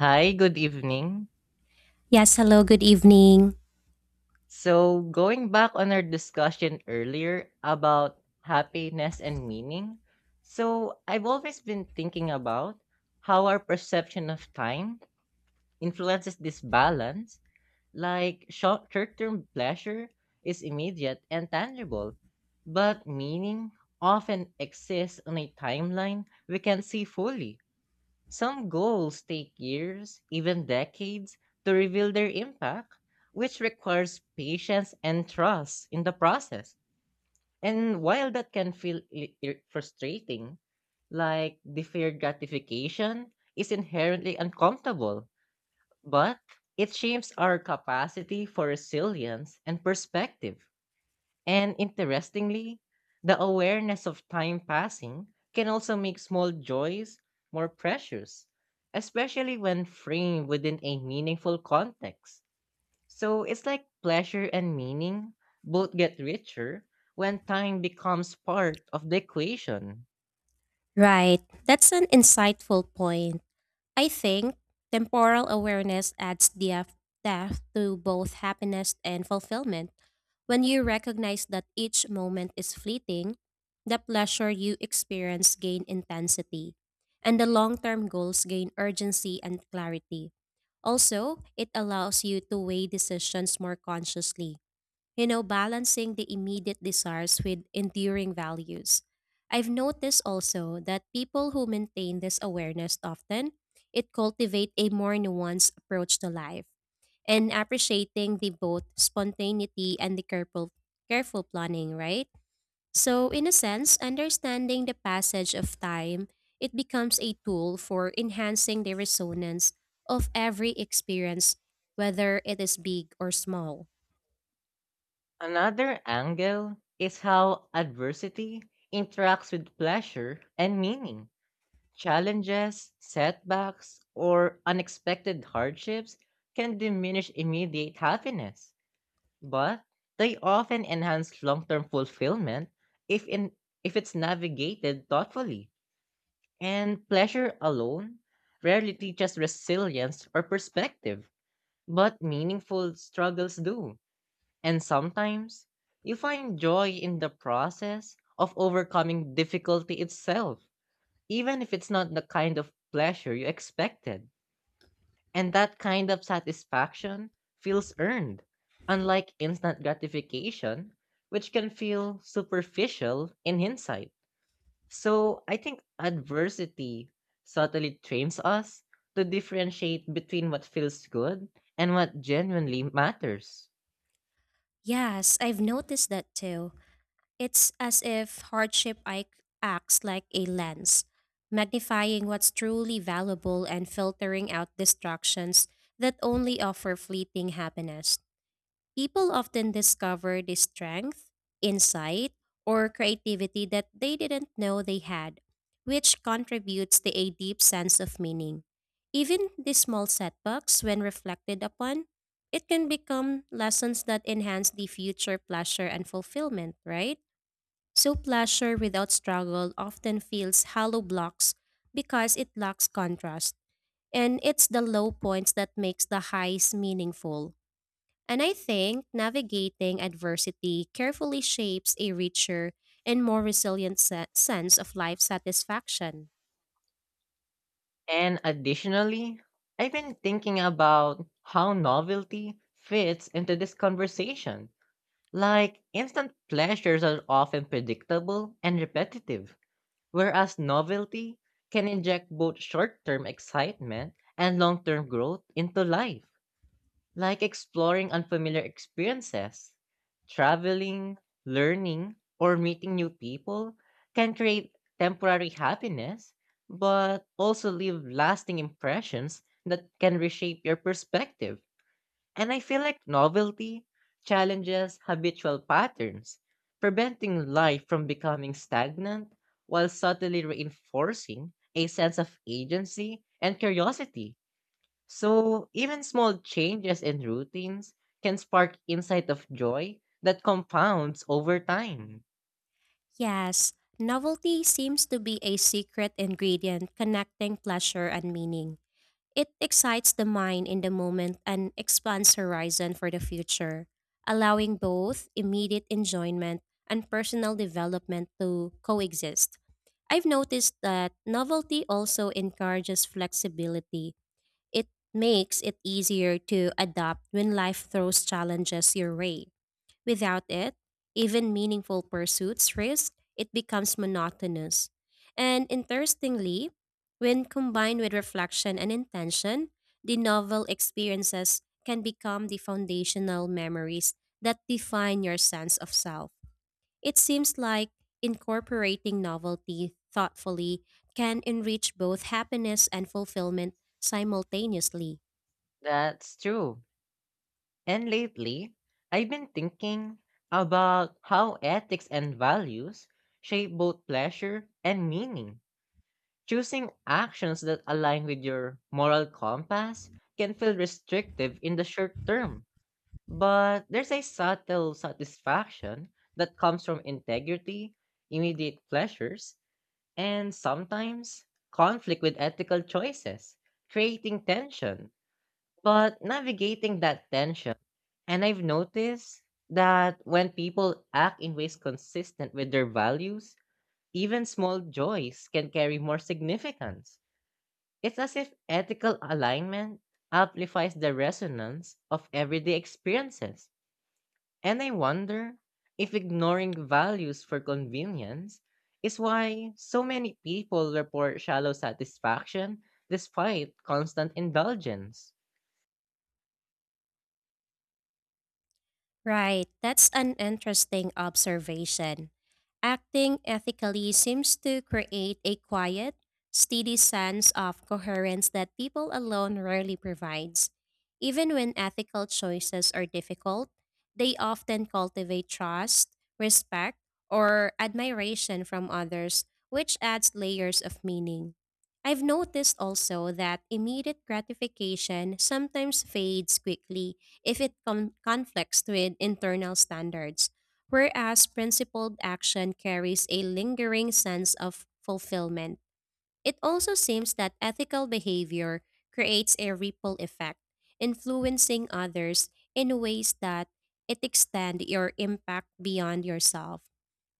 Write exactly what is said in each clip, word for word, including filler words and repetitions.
Hi, good evening. Yes, hello, good evening. So, going back on our discussion earlier about happiness and meaning, so I've always been thinking about how our perception of time influences this balance. Like, short term pleasure is immediate and tangible, but meaning often exists on a timeline we can see fully. Some goals take years, even decades, to reveal their impact, which requires patience and trust in the process. And while that can feel i- ir- frustrating, like deferred gratification is inherently uncomfortable, but it shapes our capacity for resilience and perspective. And interestingly, the awareness of time passing can also make small joys more precious, especially when framed within a meaningful context. So it's like pleasure and meaning both get richer when time becomes part of the equation. Right, that's an insightful point. I think temporal awareness adds depth, depth to both happiness and fulfillment. When you recognize that each moment is fleeting, the pleasure you experience gain intensity, and the long-term goals gain urgency and clarity. Also, it allows you to weigh decisions more consciously, you know, balancing the immediate desires with enduring values. I've noticed also that people who maintain this awareness often, it cultivate a more nuanced approach to life and appreciating the both spontaneity and the careful, careful planning, right? So in a sense, understanding the passage of time, it becomes a tool for enhancing the resonance of every experience, whether it is big or small. Another angle is how adversity interacts with pleasure and meaning. Challenges, setbacks, or unexpected hardships can diminish immediate happiness, but they often enhance long-term fulfillment if in if it's navigated thoughtfully. And pleasure alone rarely teaches resilience or perspective, but meaningful struggles do. And sometimes you find joy in the process of overcoming difficulty itself, even if it's not the kind of pleasure you expected. And that kind of satisfaction feels earned, unlike instant gratification, which can feel superficial in hindsight. So I think adversity subtly trains us to differentiate between what feels good and what genuinely matters. Yes, I've noticed that too. It's as if hardship ic- acts like a lens, magnifying what's truly valuable and filtering out distractions that only offer fleeting happiness. People often discover this strength, insight, or creativity that they didn't know they had, which contributes to a deep sense of meaning. Even the small setbacks, when reflected upon, it can become lessons that enhance the future pleasure and fulfillment, right? So, pleasure without struggle often feels hollow blocks because it lacks contrast, and it's the low points that makes the highs meaningful. And I think navigating adversity carefully shapes a richer and more resilient se- sense of life satisfaction. And additionally, I've been thinking about how novelty fits into this conversation. Like, instant pleasures are often predictable and repetitive, whereas novelty can inject both short term excitement and long term growth into life, like exploring unfamiliar experiences. Traveling, learning, or meeting new people can create temporary happiness, but also leave lasting impressions that can reshape your perspective. And I feel like novelty challenges habitual patterns, preventing life from becoming stagnant while subtly reinforcing a sense of agency and curiosity. So, even small changes in routines can spark insight of joy that compounds over time. Yes, novelty seems to be a secret ingredient connecting pleasure and meaning. It excites the mind in the moment and expands horizon for the future, allowing both immediate enjoyment and personal development to coexist. I've noticed that novelty also encourages flexibility. It makes it easier to adapt when life throws challenges your way. Without it, even meaningful pursuits risk it becomes monotonous. And interestingly, when combined with reflection and intention, the novel experiences can become the foundational memories that define your sense of self. It seems like incorporating novelty thoughtfully can enrich both happiness and fulfillment simultaneously. That's true. And lately, I've been thinking about how ethics and values shape both pleasure and meaning. Choosing actions that align with your moral compass can feel restrictive in the short term, but there's a subtle satisfaction that comes from integrity, immediate pleasures, and sometimes conflict with ethical choices, creating tension. But navigating that tension, and I've noticed that when people act in ways consistent with their values, even small joys can carry more significance. It's as if ethical alignment amplifies the resonance of everyday experiences. And I wonder if ignoring values for convenience is why so many people report shallow satisfaction despite constant indulgence. Right, that's an interesting observation. Acting ethically seems to create a quiet, steady sense of coherence that people alone rarely provides. Even when ethical choices are difficult, they often cultivate trust, respect, or admiration from others, which adds layers of meaning. I've noticed also that immediate gratification sometimes fades quickly if it con- conflicts with internal standards, whereas principled action carries a lingering sense of fulfillment. It also seems that ethical behavior creates a ripple effect, influencing others in ways that it extend your impact beyond yourself.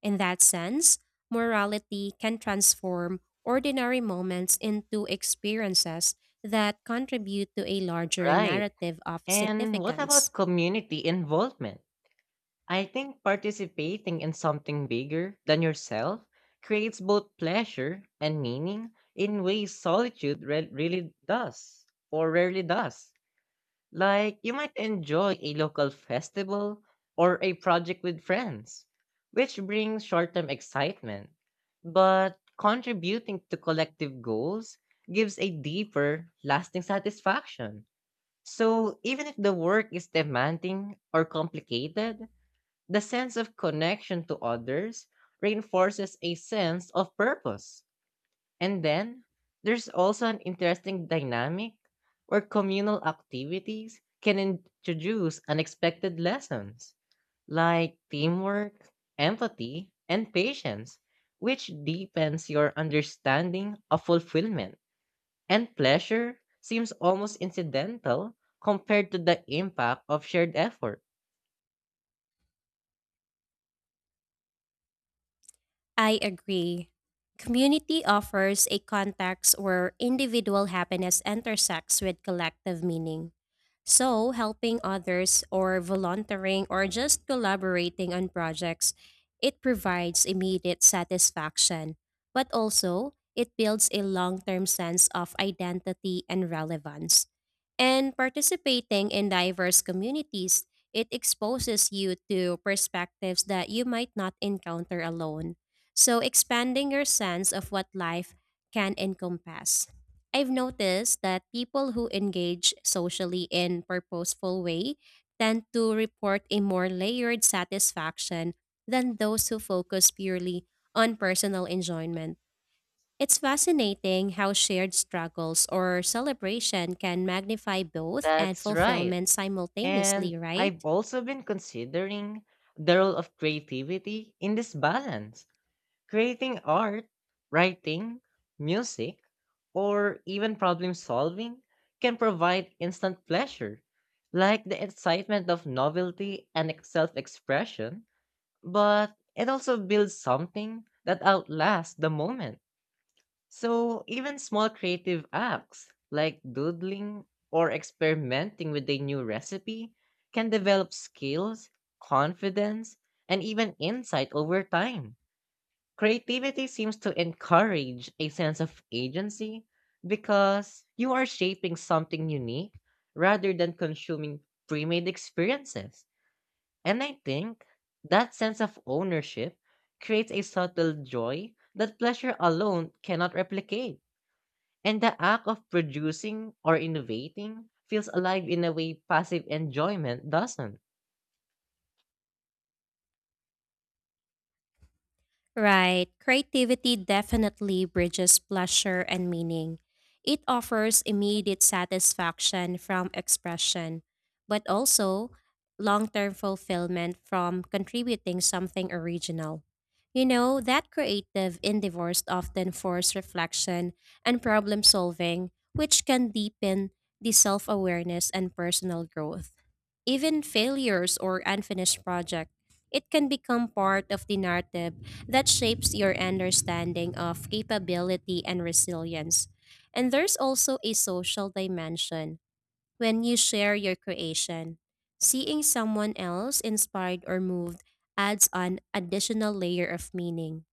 In that sense, morality can transform ordinary moments into experiences that contribute to a larger Right. narrative of And what significance. about community involvement? I think participating in something bigger than yourself creates both pleasure and meaning in ways solitude re- really does or rarely does. Like you might enjoy a local festival or a project with friends, which brings short term excitement. But contributing to collective goals gives a deeper, lasting satisfaction. So even if the work is demanding or complicated, the sense of connection to others reinforces a sense of purpose. And then there's also an interesting dynamic where communal activities can introduce unexpected lessons like teamwork, empathy, and patience, which deepens your understanding of fulfillment. And pleasure seems almost incidental compared to the impact of shared effort. I agree. Community offers a context where individual happiness intersects with collective meaning. So, helping others or volunteering or just collaborating on projects, it provides immediate satisfaction, but also it builds a long term sense of identity and relevance. And participating in diverse communities, it exposes you to perspectives that you might not encounter alone. So, expanding your sense of what life can encompass. I've noticed that people who engage socially in purposeful way tend to report a more layered satisfaction than those who focus purely on personal enjoyment. It's fascinating how shared struggles or celebration can magnify both and That's right. fulfillment And simultaneously, right? I've also been considering the role of creativity in this balance, creating art, writing, music, or even problem solving can provide instant pleasure, like the excitement of novelty and self expression, but it also builds something that outlasts the moment. So even small creative acts like doodling or experimenting with a new recipe can develop skills, confidence, and even insight over time. Creativity seems to encourage a sense of agency because you are shaping something unique rather than consuming pre made experiences. And I think that sense of ownership creates a subtle joy that pleasure alone cannot replicate. And the act of producing or innovating feels alive in a way passive enjoyment doesn't. Right. Creativity definitely bridges pleasure and meaning. It offers immediate satisfaction from expression, but also long term fulfillment from contributing something original. You know that creative endeavors often force reflection and problem solving, which can deepen the self awareness and personal growth. Even failures or unfinished projects, it can become part of the narrative that shapes your understanding of capability and resilience. And there's also a social dimension when you share your creation. Seeing someone else inspired or moved adds an additional layer of meaning.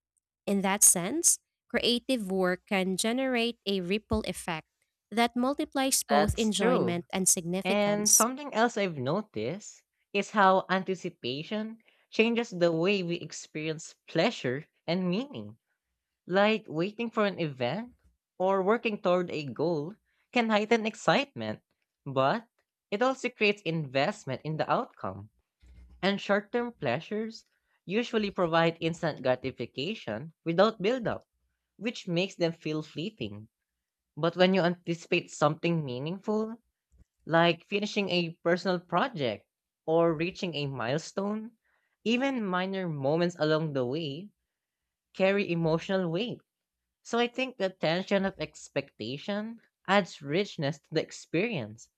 In that sense, creative work can generate a ripple effect that multiplies both That's true. enjoyment and And significance. something else I've noticed is how anticipation changes the way we experience pleasure and meaning. Like waiting for an event or working toward a goal can heighten excitement, but it also creates investment in the outcome. And short term pleasures usually provide instant gratification without buildup, which makes them feel fleeting. But when you anticipate something meaningful, like finishing a personal project or reaching a milestone, even minor moments along the way carry emotional weight. So I think the tension of expectation adds richness to the experience,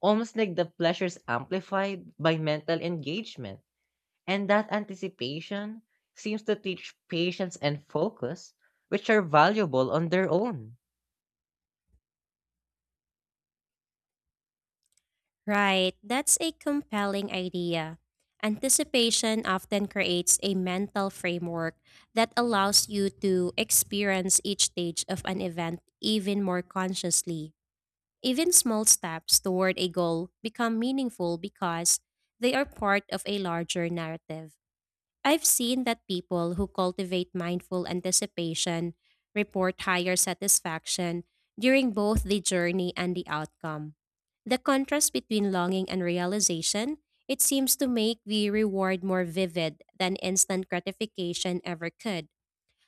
almost like the pleasures amplified by mental engagement. And that anticipation seems to teach patience and focus, which are valuable on their own. Right, that's a compelling idea. Anticipation often creates a mental framework that allows you to experience each stage of an event even more consciously. Even small steps toward a goal become meaningful because they are part of a larger narrative. I've seen that people who cultivate mindful anticipation report higher satisfaction during both the journey and the outcome. The contrast between longing and realization, it seems to make the reward more vivid than instant gratification ever could.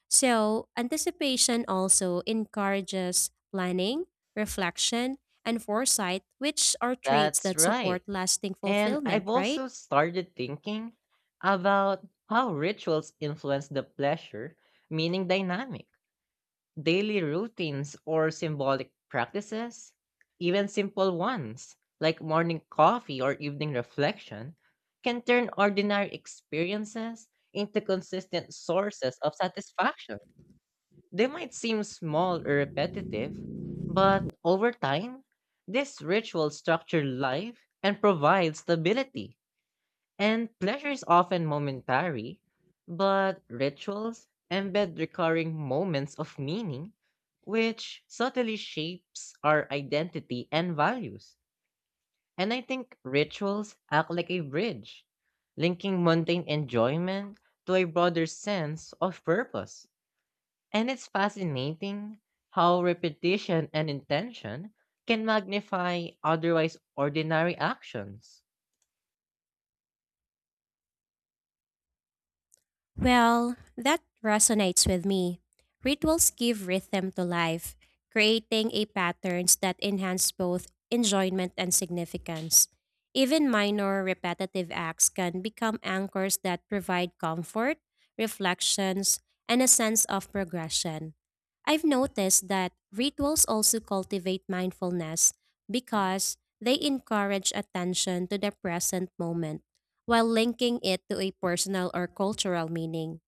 So, anticipation also encourages planning, reflection, and foresight, which are traits That's that right. support lasting And fulfillment, I've right? also started thinking about how rituals influence the pleasure, meaning dynamic. Daily routines or symbolic practices, even simple ones like morning coffee or evening reflection, can turn ordinary experiences into consistent sources of satisfaction. They might seem small or repetitive, but over time, this ritual structures life and provides stability. And pleasure is often momentary, but rituals embed recurring moments of meaning, which subtly shapes our identity and values. And I think rituals act like a bridge, linking mundane enjoyment to a broader sense of purpose. And it's fascinating how repetition and intention can magnify otherwise ordinary actions. Well, that resonates with me. Rituals give rhythm to life, creating a patterns that enhance both enjoyment and significance. Even minor repetitive acts can become anchors that provide comfort, reflections, and a sense of progression. I've noticed that rituals also cultivate mindfulness because they encourage attention to the present moment while linking it to a personal or cultural meaning.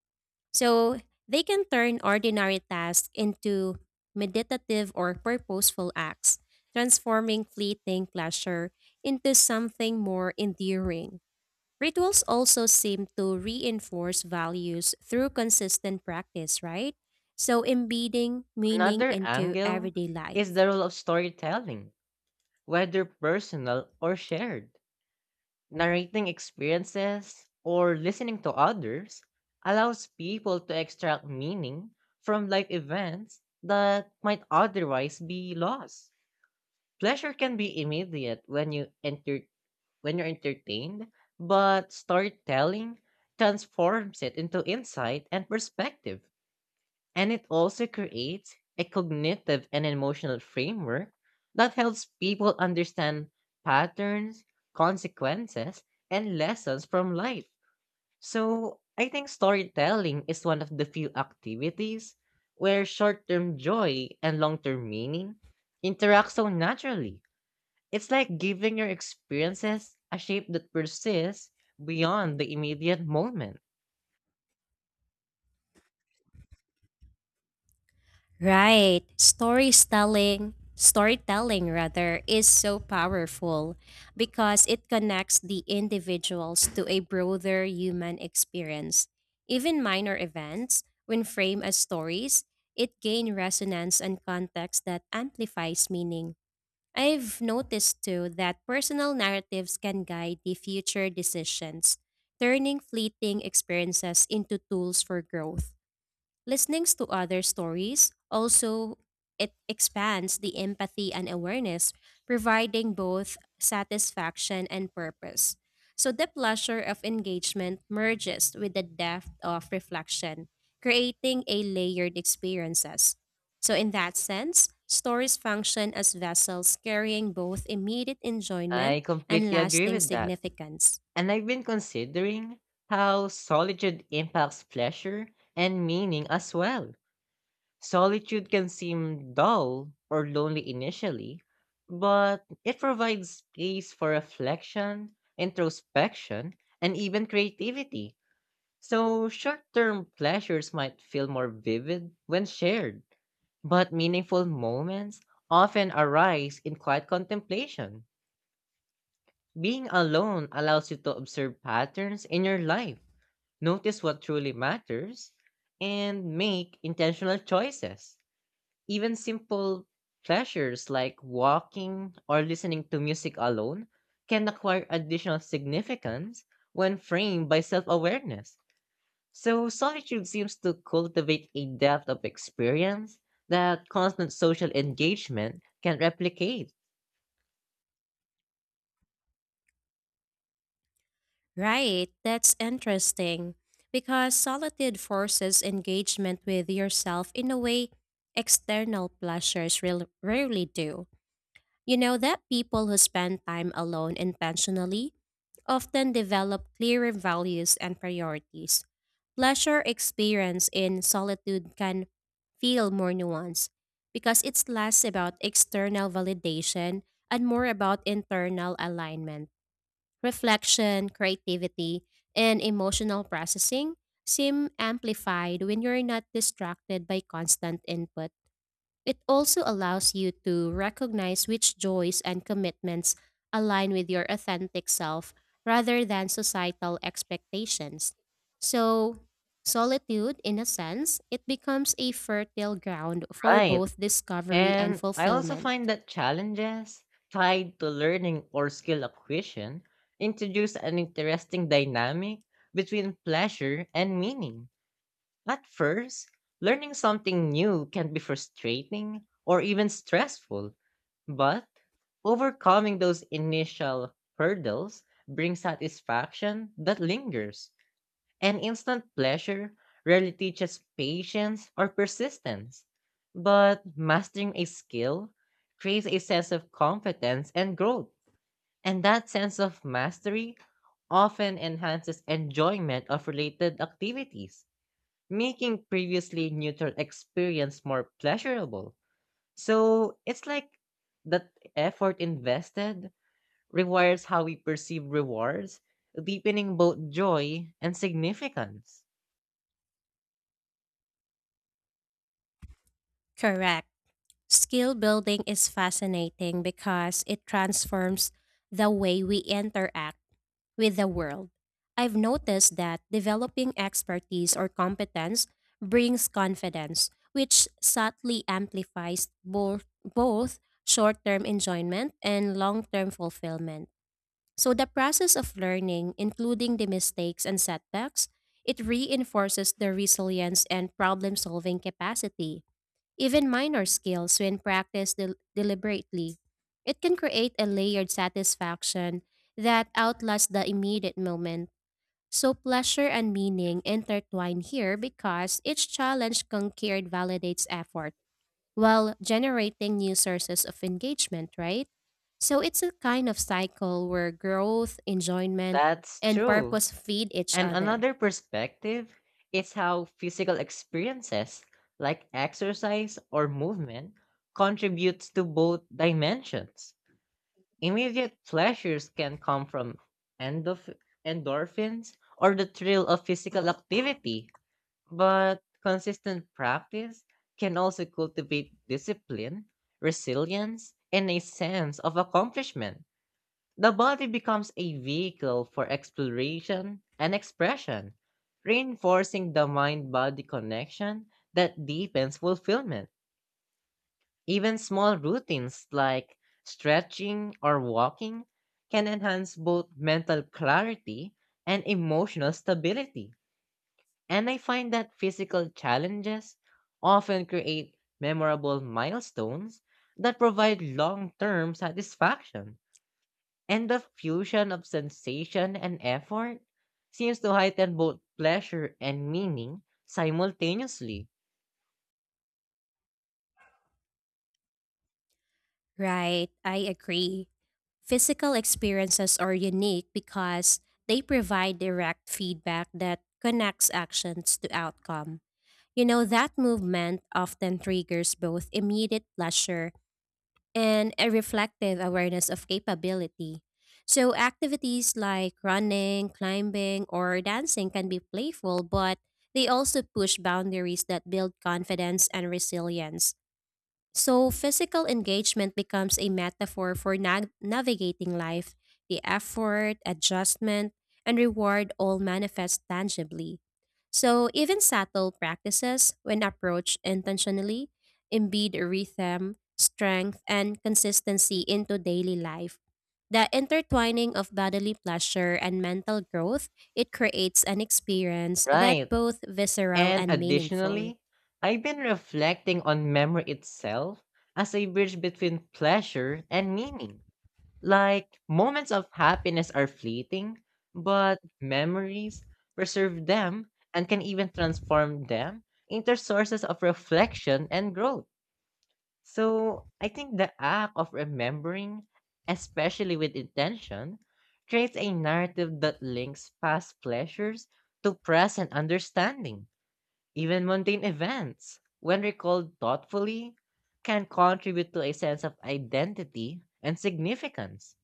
So they can turn ordinary tasks into meditative or purposeful acts, transforming fleeting pleasure into something more enduring. Rituals also seem to reinforce values through consistent practice, right? So embedding meaning Another into angle everyday is life. the role of storytelling, whether personal or shared. Narrating experiences or listening to others allows people to extract meaning from life events that might otherwise be lost. Pleasure can be immediate when you entertain when you're entertained, but storytelling transforms it into insight and perspective. And it also creates a cognitive and emotional framework that helps people understand patterns, consequences, and lessons from life. So I think storytelling is one of the few activities where short term joy and long term meaning interact so naturally. It's like giving your experiences a shape that persists beyond the immediate moment. Right. Storytelling, storytelling rather, is so powerful because it connects the individuals to a broader human experience. Even minor events, when framed as stories, it gain resonance and context that amplifies meaning. I've noticed too that personal narratives can guide the future decisions, turning fleeting experiences into tools for growth. Listening to other stories also it expands the empathy and awareness, providing both satisfaction and purpose. So the pleasure of engagement merges with the depth of reflection, creating a layered experiences. So in that sense, stories function as vessels carrying both immediate I enjoyment and completely agree lasting with that. significance. And I've been considering how solitude impacts pleasure and meaning as well. Solitude can seem dull or lonely initially, but it provides space for reflection, introspection, and even creativity. So short term pleasures might feel more vivid when shared, but meaningful moments often arise in quiet contemplation. Being alone allows you to observe patterns in your life, notice what truly matters, and make intentional choices. Even simple pleasures like walking or listening to music alone can acquire additional significance when framed by self awareness. So solitude seems to cultivate a depth of experience that constant social engagement can replicate. Right, that's interesting. Because solitude forces engagement with yourself in a way external pleasures real- rarely do. You know that people who spend time alone intentionally often develop clearer values and priorities. Pleasure experience in solitude can feel more nuanced because it's less about external validation and more about internal alignment reflection, creativity, and emotional processing seem amplified when you're not distracted by constant input. It also allows you to recognize which joys and commitments align with your authentic self rather than societal expectations. So, solitude, in a sense, it becomes a fertile ground for Right. both discovery and And I also fulfillment. find that challenges tied to learning or skill acquisition introduce an interesting dynamic between pleasure and meaning. At first, learning something new can be frustrating or even stressful, but overcoming those initial hurdles brings satisfaction that lingers, and instant pleasure rarely teaches patience or persistence. But mastering a skill creates a sense of competence and growth, and that sense of mastery often enhances enjoyment of related activities, making previously neutral experience more pleasurable. So it's like that effort invested requires how we perceive rewards, deepening both joy and significance. Correct. Skill building is fascinating because it transforms the way we interact with the world. I've noticed that developing expertise or competence brings confidence, which subtly amplifies both, both short term enjoyment and long term fulfillment. So, the process of learning, including the mistakes and setbacks, it reinforces the resilience and problem solving capacity. Even minor skills, when practiced del- deliberately, it can create a layered satisfaction that outlasts the immediate moment. So, pleasure and meaning intertwine here because each challenge conquered validates effort while generating new sources of engagement, right? So, it's a kind of cycle where growth, enjoyment, That's and true. purpose feed each And other. another perspective is how physical experiences like exercise or movement contributes to both dimensions. Immediate pleasures can come from endof- endorphins or the thrill of physical activity, but consistent practice can also cultivate discipline, resilience, and a sense of accomplishment. The body becomes a vehicle for exploration and expression, reinforcing the mind body connection that deepens fulfillment. Even small routines like stretching or walking can enhance both mental clarity and emotional stability. And I find that physical challenges often create memorable milestones that provide long term satisfaction. And the fusion of sensation and effort seems to heighten both pleasure and meaning simultaneously. Right, I agree. Physical experiences are unique because they provide direct feedback that connects actions to outcome. You know that movement often triggers both immediate pleasure and a reflective awareness of capability. So, activities like running, climbing, or dancing can be playful, but they also push boundaries that build confidence and resilience. So, physical engagement becomes a metaphor for na- navigating life. The effort, adjustment, and reward all manifest tangibly. So, even subtle practices, when approached intentionally, embed rhythm, strength, and consistency into daily life. The intertwining of bodily pleasure and mental growth, it creates an experience that Right. both visceral And and meaningful. additionally, I've been reflecting on memory itself as a bridge between pleasure and meaning. Like, moments of happiness are fleeting, but memories preserve them and can even transform them into sources of reflection and growth. So, I think the act of remembering, especially with intention, creates a narrative that links past pleasures to present understanding. Even mundane events, when recalled thoughtfully, can contribute to a sense of identity and significance.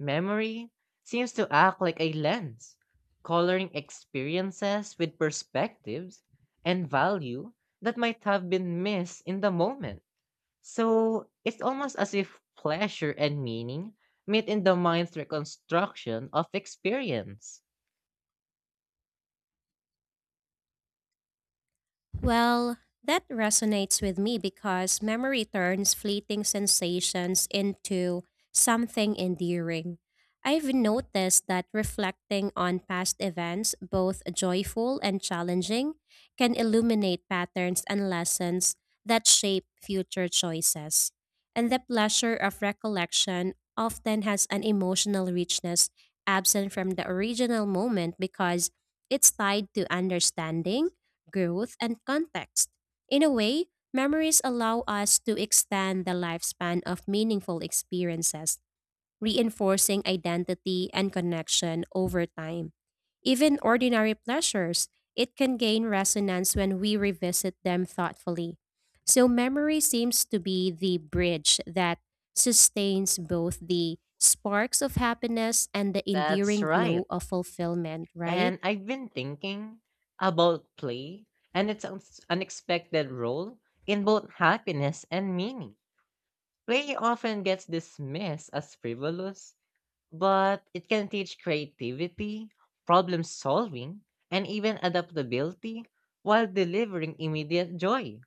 Memory seems to act like a lens, coloring experiences with perspectives and value that might have been missed in the moment. So it's almost as if pleasure and meaning meet in the mind's reconstruction of experience. Well, that resonates with me because memory turns fleeting sensations into something enduring. I've noticed that reflecting on past events, both joyful and challenging, can illuminate patterns and lessons that shape future choices. And the pleasure of recollection often has an emotional richness absent from the original moment because it's tied to understanding growth, and context. In a way, memories allow us to extend the lifespan of meaningful experiences, reinforcing identity and connection over time. Even ordinary pleasures, it can gain resonance when we revisit them thoughtfully. So, memory seems to be the bridge that sustains both the sparks of happiness and the That's endearing glow right. of fulfillment, right? And I've been thinking about play and its uns- unexpected role in both happiness and meaning. Play often gets dismissed as frivolous, but it can teach creativity, problem solving, and even adaptability while delivering immediate joy.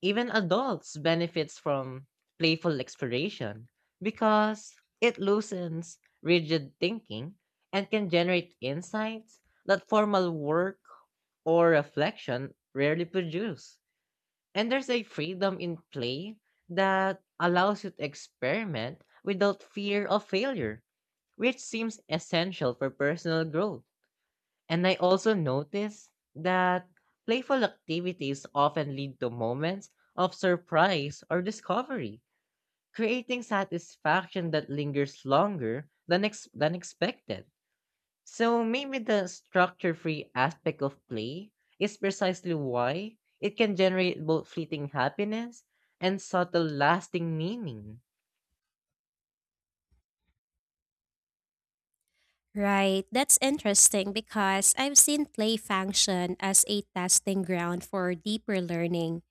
Even adults benefits from playful exploration because it loosens rigid thinking and can generate insights that formal work or reflection rarely produce. And there's a freedom in play that allows you to experiment without fear of failure, which seems essential for personal growth. And I also noticed that playful activities often lead to moments of surprise or discovery, creating satisfaction that lingers longer than, ex- than expected. So maybe the structure free aspect of play is precisely why it can generate both fleeting happiness and subtle lasting meaning. Right, that's interesting because I've seen play function as a testing ground for deeper learning.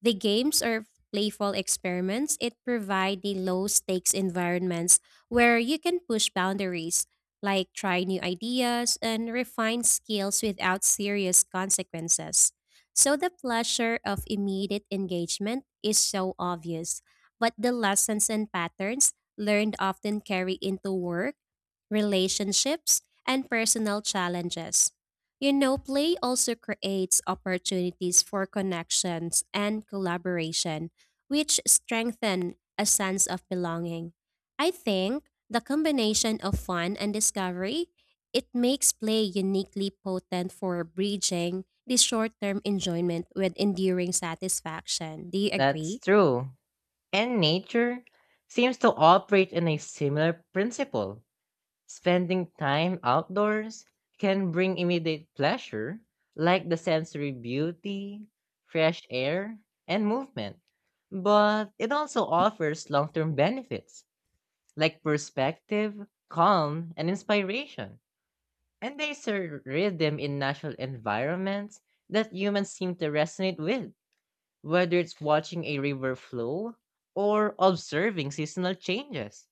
The games or playful experiments it provide the low stakes environments where you can push boundaries, like try new ideas and refine skills without serious consequences. So the pleasure of immediate engagement is so obvious, but the lessons and patterns learned often carry into work relationships, and personal challenges. You know, play also creates opportunities for connections and collaboration, which strengthen a sense of belonging. I think the combination of fun and discovery, it makes play uniquely potent for bridging the short-term enjoyment with enduring satisfaction. Do you That's agree? true. And nature seems to operate in a similar principle. Spending time outdoors can bring immediate pleasure, like the sensory beauty, fresh air, and movement. But it also offers long term benefits, like perspective, calm, and inspiration. And there's a rhythm in natural environments that humans seem to resonate with, whether it's watching a river flow or observing seasonal changes.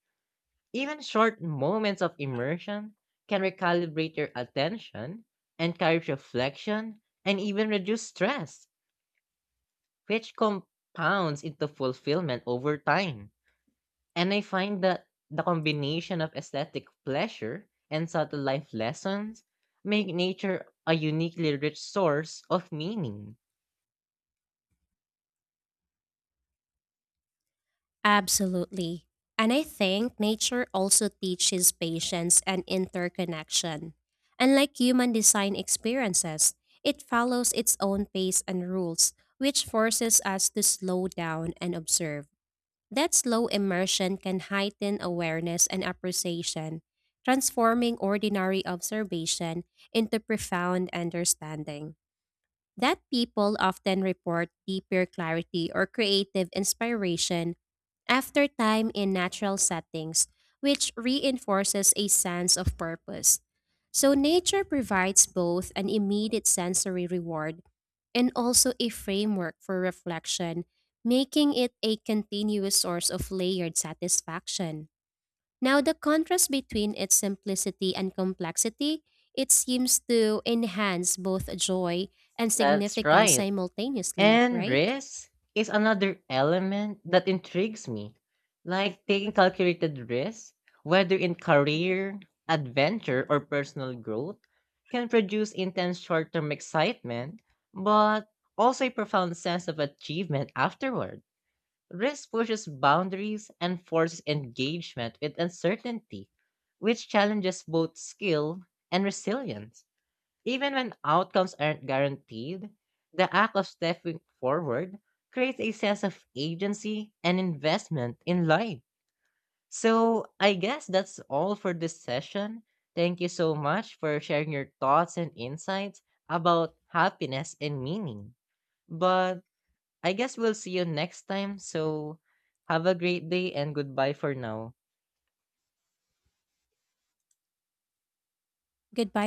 Even short moments of immersion can recalibrate your attention, encourage reflection, and even reduce stress, which compounds into fulfillment over time. And I find that the combination of aesthetic pleasure and subtle life lessons make nature a uniquely rich source of meaning. Absolutely. And I think nature also teaches patience and interconnection. Unlike human design experiences, it follows its own pace and rules, which forces us to slow down and observe. That slow immersion can heighten awareness and appreciation, transforming ordinary observation into profound understanding that people often report deeper clarity or creative inspiration after time in natural settings, which reinforces a sense of purpose. So, nature provides both an immediate sensory reward and also a framework for reflection, making it a continuous source of layered satisfaction. Now, the contrast between its simplicity and complexity, it seems to enhance both joy and That's significance right. simultaneously, And right? risk is another element that intrigues me, like taking calculated risks, whether in career, adventure, or personal growth, can produce intense short term excitement, but also a profound sense of achievement afterward. Risk pushes boundaries and forces engagement with uncertainty, which challenges both skill and resilience. Even when outcomes aren't guaranteed, the act of stepping forward creates a sense of agency and investment in life. So, I guess that's all for this session. Thank you so much for sharing your thoughts and insights about happiness and meaning. But I guess we'll see you next time. So, have a great day and goodbye for now. Goodbye